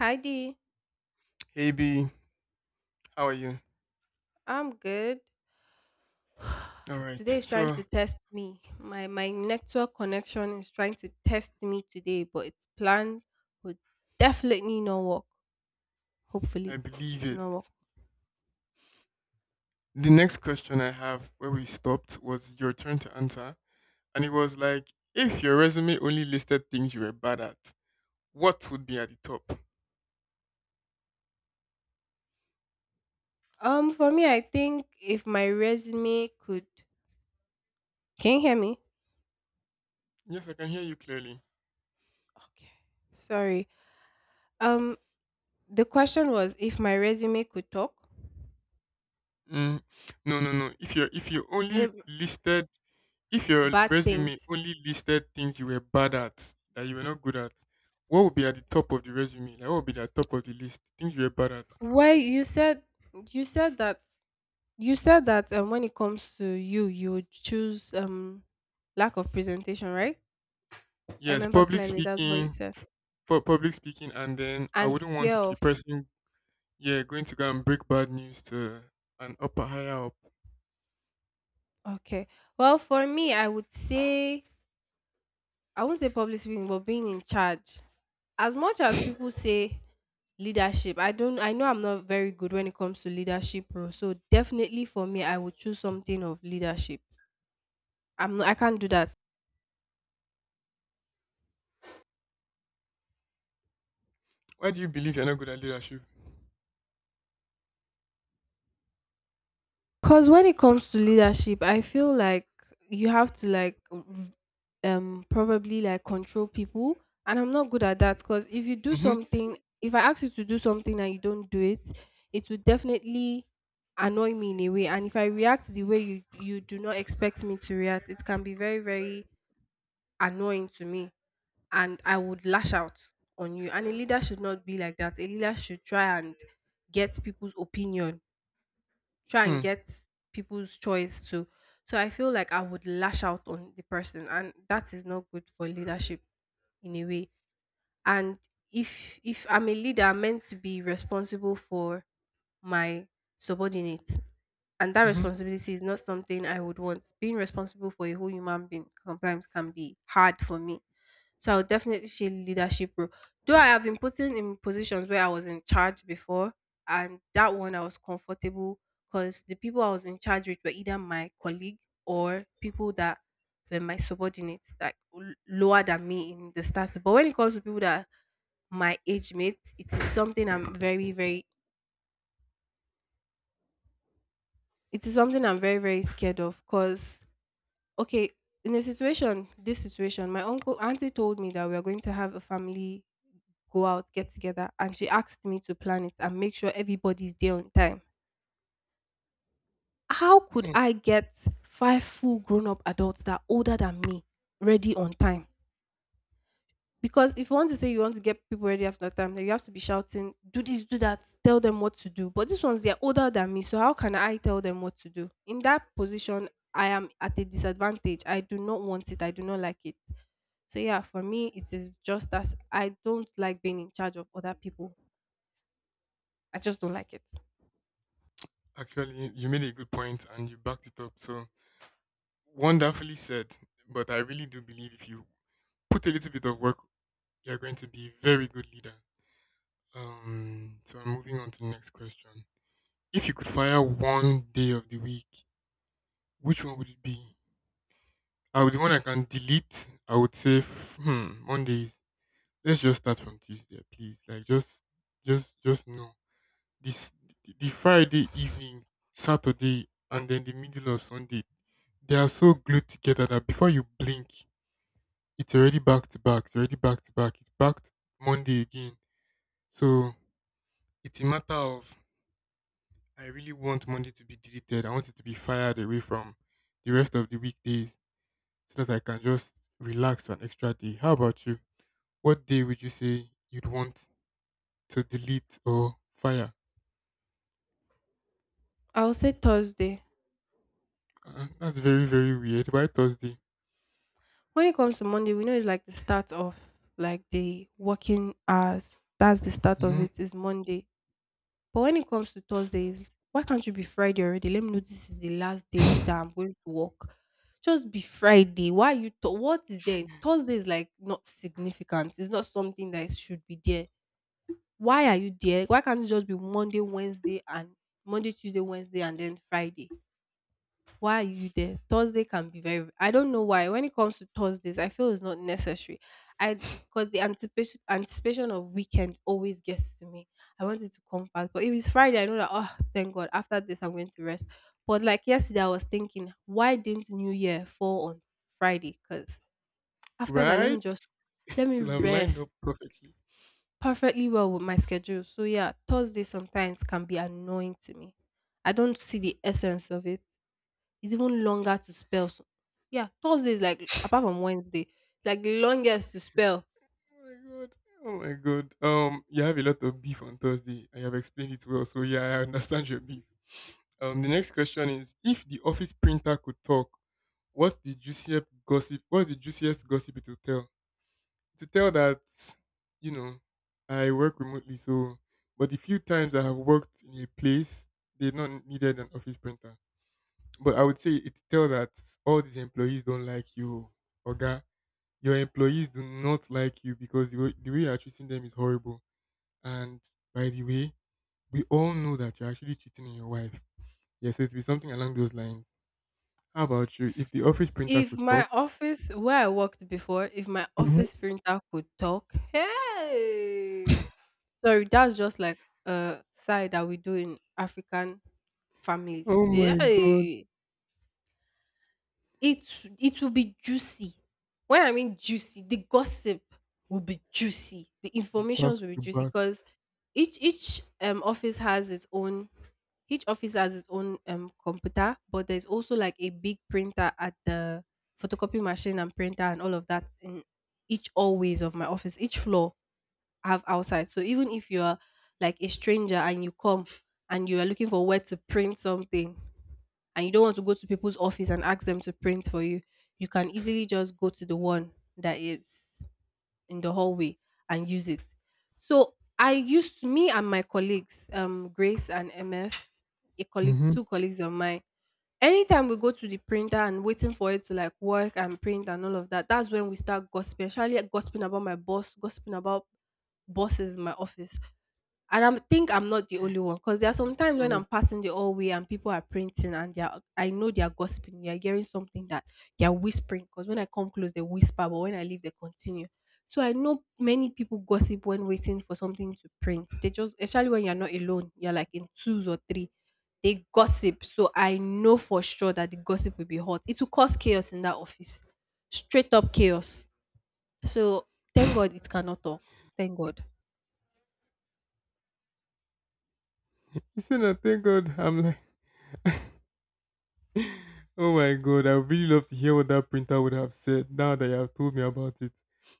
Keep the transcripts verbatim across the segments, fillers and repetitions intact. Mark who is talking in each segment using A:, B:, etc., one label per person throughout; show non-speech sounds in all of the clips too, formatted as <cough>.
A: Hi Dee,
B: Hey B, how are you?
A: I'm good.
B: All right.
A: Today is trying
B: So
A: to test me. My my network connection is trying to test me today, but its plan would definitely not work.
B: I
A: Hopefully,
B: believe
A: it will
B: it.
A: not work.
B: The next question I have where we stopped was your turn to answer. And it was like, if your resume only listed things you were bad at, what would be at the top?
A: Um, for me, I think if my resume could, can you hear me?
B: Yes, I can hear you clearly.
A: Okay, sorry. Um, the question was if my resume could talk.
B: Mm, no, no, no. If your if you only
A: Eh,
B: listed if your
A: bad
B: resume
A: things.
B: only listed things you were bad at that you were not good at, what would be at the top of the resume? Like what would be at the top of the list? Things you were bad at.
A: Well, you said you said that you said that um, when it comes to you, you would choose um lack of presentation, right? I
B: Yes,
A: remember
B: public
A: clearly that's what you
B: speaking,
A: said.
B: for public speaking, and then I
A: And
B: wouldn't want
A: fear
B: to be the
A: of
B: person, yeah, going to go and break bad news to an upper higher up.
A: okay. Well, for me, I would say I won't say public speaking, but being in charge. As much as people say leadership, I don't I know I'm not very good when it comes to leadership bro. So definitely for me, I would choose something of leadership. I'm not, I can't do that.
B: Why do you believe you're not good at leadership?
A: Cause when it comes to leadership, I feel like you have to like r- um probably like control people, and I'm not good at that because if you do
B: Mm-hmm.
A: something if I ask you to do something and you don't do it, it would definitely annoy me in a way. And if I react the way you you do not expect me to react, it can be very, very annoying to me. And I would lash out on you. And a leader should not be like that. A leader should try and get people's opinion, try and
B: Hmm.
A: get people's choice too. So I feel like I would lash out on the person, and that is not good for leadership in a way. And if if I'm a leader, I'm meant to be responsible for my subordinates, and that
B: Mm-hmm.
A: responsibility is not something I would want. Being responsible for a whole human being sometimes can be hard for me. So I would definitely say leadership role. Though I have been putting in positions where I was in charge before, and that one I was comfortable because the people I was in charge with were either my colleague or people that were my subordinates, like l- lower than me in the status. But when it comes to people that are my age mates, it is something I'm very, very, it is something I'm very, very scared of. Cause okay, in a situation, this situation, my uncle auntie told me that we are going to have a family go out, get together. And she asked me to plan it and make sure everybody's there on time. How could
B: Hmm.
A: I get five full grown up adults that are older than me ready on time? Because if you want to say you want to get people ready after time, then you have to be shouting, do this, do that, tell them what to do. But these ones, they're older than me. So how can I tell them what to do? In that position, I am at a disadvantage. I do not want it. I do not like it. So yeah, for me, it is just as I don't like being in charge of other people. I just don't like it.
B: Actually, you made a good point and you backed it up. So wonderfully said. But I really do believe if you put a little bit of work, you're going to be a very good leader. Um. So I'm moving on to the next question. If you could fire one day of the week, which one would it be? I would the one I can delete. I would say f- hmm, Mondays. Let's just start from Tuesday, please. Like just, just, just no. This the the Friday evening, Saturday, and then the middle of Sunday. They are so glued together that before you blink, it's already back to back. It's already back to back. It's back to Monday again. So it's a matter of I really want Monday to be deleted. I want it to be fired away from the rest of the weekdays so that I can just relax an extra day. How about you? What day would you say you'd want to delete or fire?
A: I'll say Thursday.
B: Uh, that's very, very weird. Why Thursday?
A: When it comes to Monday, we know it's like the start of like the working hours. That's the start of
B: Hmm.
A: it is Monday. But when it comes to Thursdays, why can't you be Friday already? Let me know this is the last day that I'm going to work. Just be Friday. Why you? Th- what is there? Thursday is like not significant. It's not something that should be there. Why are you there? Why can't it just be Monday, Wednesday, and Monday, Tuesday, Wednesday, and then Friday? Why are you there? Thursday can be very, I don't know why. When it comes to Thursdays, I feel it's not necessary. I, because the anticipation anticipation of weekend always gets to me. I want it to come fast, but if it's Friday, I know that oh thank God after this I'm going to rest. But like yesterday, I was thinking why didn't New Year fall on Friday? Because after that, let
B: Right?
A: me just
B: <laughs>
A: let me
B: It'll have lined up
A: rest
B: perfectly.
A: perfectly well with my schedule. So yeah, Thursday sometimes can be annoying to me. I don't see the essence of it. It's even longer to spell. So, yeah, Thursday is like apart from Wednesday, like the longest to spell.
B: Oh my god. Oh my god. Um, you have a lot of beef on Thursday. I have explained it well, so yeah, I understand your beef. Um, the next question is: if the office printer could talk, what's the juiciest gossip? What's the juiciest gossip it will tell? To tell that you know I work remotely. So, but the few times I have worked in a place, they not needed an office printer. But I would say it tell that all these employees don't like you, Oga. Your employees do not like you because the way, the way you're treating them is horrible. And by the way, we all know that you're actually cheating on your wife. Yeah, so it will be something along those lines. How about you? If the office printer
A: If
B: could talk,
A: my office where I worked before, if my
B: mhm,
A: office printer could talk, hey, sorry, that's just like a side that we do in African families.
B: oh my god,
A: Hey, It it will be juicy. When I mean juicy, the gossip will be juicy. The
B: back
A: informations will be
B: to
A: juicy
B: back.
A: because each each um office has its own, each office has its own um computer, but there's also like a big printer at the photocopy machine and printer and all of that in each always of my office, each floor have outside. So even if you're like a stranger and you come and you are looking for where to print something and you don't want to go to people's office and ask them to print for you, you can easily just go to the one that is in the hallway and use it. So I used me and my colleagues, um, Grace and M F, a colleague,
B: Hmm.
A: two colleagues of mine. Anytime we go to the printer and waiting for it to like work and print and all of that, that's when we start gossiping. Especially gossiping about my boss, gossiping about bosses in my office. And I think I'm not the only one because there
B: Oh
A: are
B: my
A: some times when
B: god.
A: I'm passing the hallway and people are printing and they are, I know they are gossiping. They are hearing something that they are whispering, because when I come close, they whisper, but when I leave, they continue. So I know many people gossip when waiting for something to print. They just, especially when you're not alone, you're like in twos or three. They gossip. So I know for sure that the gossip will be hot. It will cause chaos in that office, straight up chaos. So thank God
B: <laughs>
A: it cannot talk. Thank God.
B: So now, thank God, I'm like, <laughs> oh my God, I would really love to hear what that printer would have said now that you have told me about it.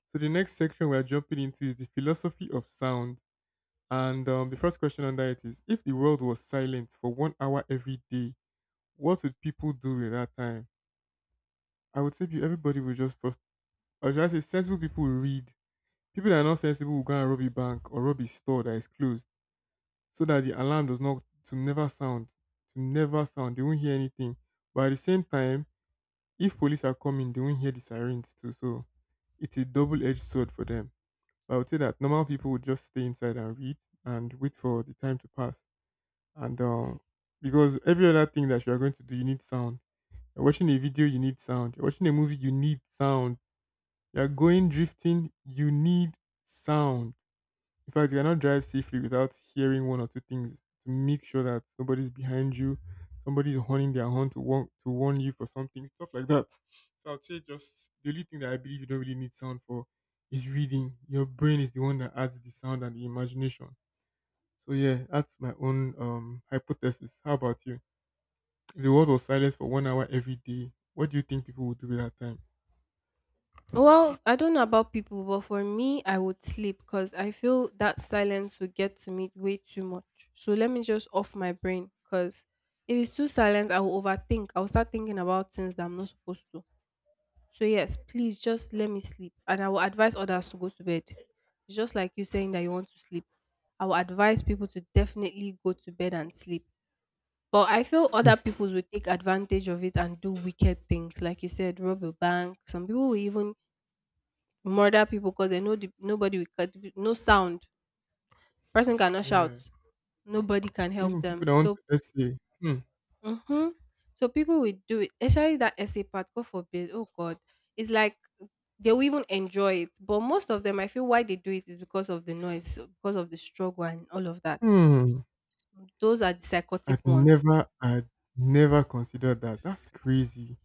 B: So the next section we're jumping into is the philosophy of sound. And um, the first question on that is, if the world was silent for one hour every day, what would people do in that time? I would say pe- everybody would just first, or should I say sensible people would read. People that are not sensible will go and rob a bank or rob a store that is closed so that the alarm does not, to never sound, to never sound. They won't hear anything. But at the same time, if police are coming, they won't hear the sirens too. So it's a double edged sword for them. But I would say that normal people would just stay inside and read and wait for the time to pass. And um, because every other thing that you are going to do, you need sound. You're watching a video, you need sound. You're watching a movie, you need sound. You're going drifting, you need sound. In fact, you cannot drive safely without hearing one or two things to make sure that somebody's behind you, somebody's honing their horn to warn to warn you for something, stuff like that. So I'd say just the only thing that I believe you don't really need sound for is reading. Your brain is the one that adds the sound and the imagination. So yeah, that's my own um hypothesis. How about you? If the world was silent for one hour every day, what do you think people would do with that time?
A: Well, I don't know about people, but for me, I would sleep because I feel that silence would get to me way too much. So let me just off my brain because if it's too silent, I will overthink. I will start thinking about things that I'm not supposed to. So, yes, please just let me sleep. And I will advise others to go to bed. It's just like you saying that you want to sleep. I will advise people to definitely go to bed and sleep. But I feel other people will take advantage of it and do wicked things. Like you said, rob a bank. Some people will even murder people because they know the, nobody will cut no sound, person cannot
B: Yeah.
A: shout, nobody can help
B: Even people
A: them.
B: that want
A: So
B: to essay. hmm,
A: hmm, so people will do it, especially that essay part, god forbid, oh god. It's like they will even enjoy it, but most of them, I feel why they do it is because of the noise, so because of the struggle and all of that.
B: hmm,
A: Those are the psychotic
B: I'd
A: ones.
B: never, I'd never considered that. That's crazy.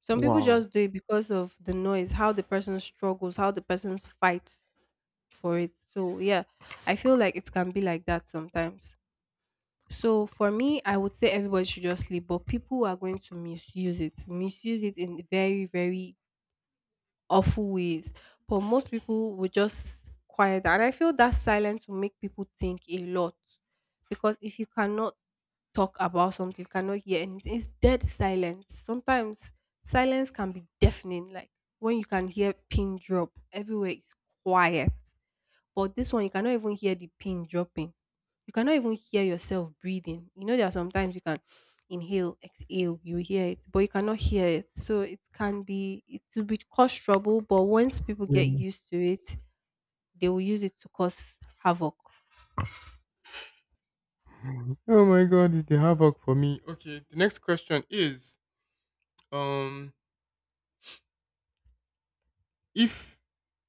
A: Some people
B: Wow.
A: just do it because of the noise, how the person struggles, how the person's fight for it. So yeah, I feel like it can be like that sometimes. So for me, I would say everybody should just sleep, but people are going to misuse it, misuse it in very, very awful ways. But most people would just quiet, and I feel that silence will make people think a lot because if you cannot talk about something, you cannot hear anything. It's dead silence. Sometimes silence can be deafening, like when you can hear pin drop, everywhere is quiet. But this one, you cannot even hear the pin dropping, you cannot even hear yourself breathing. You know, there are sometimes you can inhale, exhale, you hear it, but you cannot hear it. So it can be, it will be cause trouble. But once people get
B: Yeah.
A: used to it, they will use it to cause havoc.
B: Oh my god, it's the havoc for me. Okay, the next question is, um, if,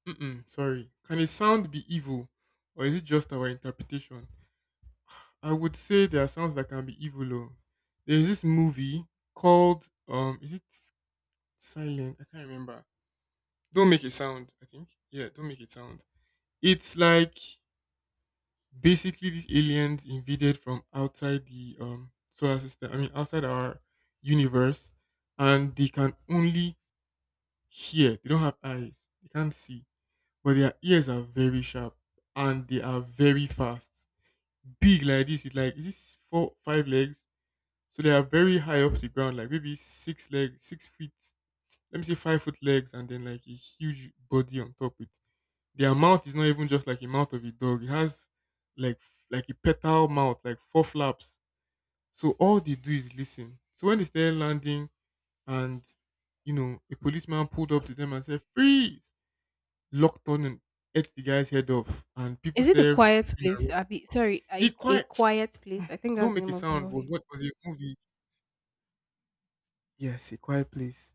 B: mm-mm, sorry, can a sound be evil, or is it just our interpretation? I would say there are sounds that can be evil. Oh, there is this movie called, um, is it Silent? I can't remember. Don't make a sound. I think. Yeah, don't make a sound. It's like basically these aliens invaded from outside the um, solar system. I mean, outside our universe, and they can only hear. They don't have eyes. They can't see, but their ears are very sharp and they are very fast. Big like this, with like is this four, five legs? So they are very high up the ground, like maybe six legs, six feet. Let me say five foot legs, and then like a huge body on top with their mouth is not even just like a mouth of a dog. It has like f- like a petal mouth, like four flaps. So all they do is listen. So when they started landing, and you know, a policeman pulled up to them and said, "Freeze!" Locked on and ate the guy's head off, and people
A: Is it a
B: started
A: quiet
B: screaming. And
A: place?
B: running.
A: Abi, sorry,
B: The
A: a, a
B: quiet,
A: quiet place. I think that's
B: don't
A: the
B: make a
A: name of the
B: sound was
A: movie.
B: what was a movie. Yes, a quiet place.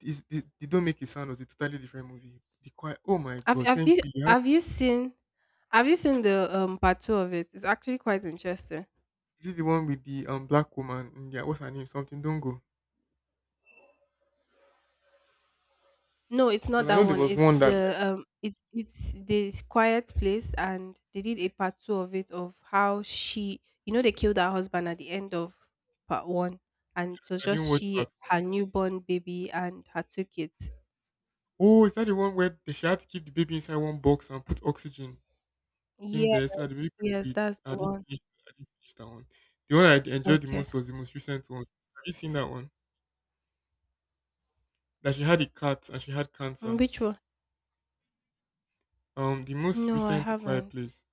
B: This, the, the don't make a sound was a totally different movie. The quiet. Oh my
A: Have
B: god!
A: Have you
B: Thank you. You had
A: Have you seen Have you seen the um part two of it? It's actually quite interesting.
B: Is it the one with the um black woman? Yeah, what's her name? Something. Don't go.
A: No, it's not
B: Because I
A: that
B: know there
A: one.
B: was
A: It's
B: one that
A: the
B: like
A: um, it's it's the quiet place, and they did a part two of it of how she, you know, they killed her husband at the end of part one, and it was
B: I didn't
A: just
B: watch part
A: she,
B: one.
A: her newborn baby, and her two kids.
B: Oh, is that the one where they she had to keep the baby inside one box and put oxygen in
A: Yes,
B: there so that the baby could
A: yes,
B: breathe?
A: that's
B: I
A: the
B: didn't
A: one.
B: finish. I didn't finish that one. The one I d- enjoyed the
A: Okay,
B: most was the most recent one. Have you seen that one? That she had a cat and she had
A: mm,
B: cancer.
A: which one?
B: Um, the most
A: No, I
B: recent A Quiet
A: haven't.
B: Place.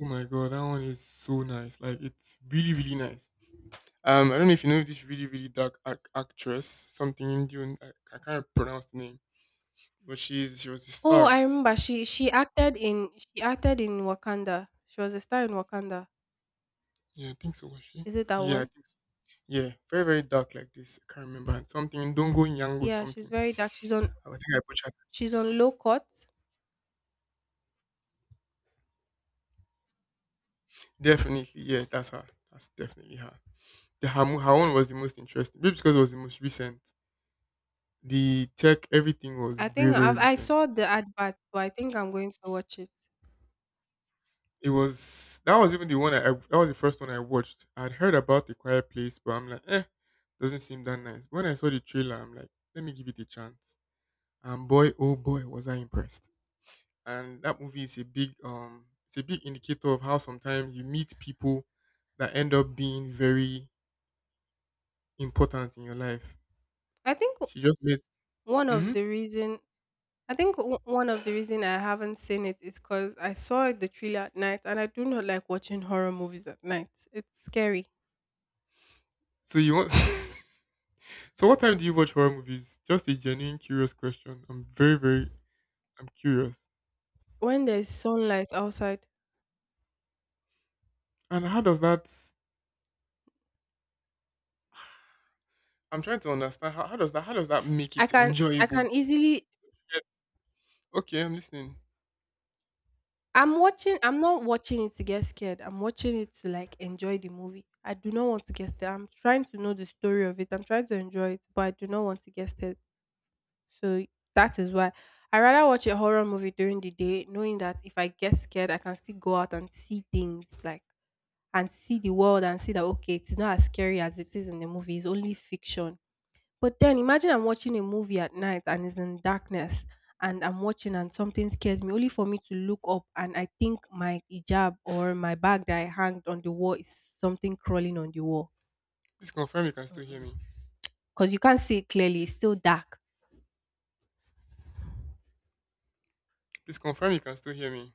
B: Oh my god, that one is so nice. Like it's really really nice. Um, I don't know if you know this really really dark ac- actress, something Indian. I, I can't pronounce the name, but she's she was a
A: Oh,
B: star.
A: I remember. She she acted in she acted in Wakanda. She was a star in Wakanda.
B: Yeah, I think so, was she?
A: Is it that
B: Yeah, I
A: one?
B: think so. Yeah, very, very dark like this. I can't remember. And something, don't go young with
A: Yeah, she's
B: something.
A: very dark. She's on
B: I think I butchered.
A: she's on low court.
B: Definitely, yeah, that's her. That's definitely her. The her, mo- her one was the most interesting. Maybe because it was the most recent. The tech, everything was
A: I
B: very,
A: think
B: very
A: I've, I
B: recent.
A: saw the advert, but I think I'm going to watch it.
B: It was, that was even the one I, I- that was the first one I watched. I'd heard about The Quiet Place, but I'm like, eh, doesn't seem that nice. When I saw the trailer, I'm like, let me give it a chance. And boy, oh boy, was I impressed. And that movie is a big um it's a big indicator of how sometimes you meet people that end up being very important in your life.
A: I think w-
B: She just met.
A: one of
B: Hmm.
A: the reason I think w- one of the reason I haven't seen it is because I saw the trailer at night, and I do not like watching horror movies at night. It's scary
B: So you want? <laughs> So what time do you watch horror movies? Just a genuine curious question. I'm very very I'm curious.
A: when there's sunlight outside.
B: And how does that? I'm trying to understand how, how does that how does that make
A: I
B: it
A: can I
B: enjoyable?
A: can easily.
B: Yes. Okay, I'm listening.
A: I'm watching. I'm not watching it to get scared. I'm watching it to like enjoy the movie. I do not want to get scared. I'm trying to know the story of it. I'm trying to enjoy it, but I do not want to get scared. So that is why I rather watch a horror movie during the day, knowing that if I get scared, I can still go out and see things, like and see the world and see that okay, it's not as scary as it is in the movie. It's only fiction. But then imagine I'm watching a movie at night and it's in darkness and I'm watching and something scares me, only for me to look up and I think my hijab or my bag that I hanged on the wall is something crawling on the wall.
B: Please confirm you can still hear me.
A: Because you can't see it clearly, it's still dark.
B: Please confirm you can still hear me.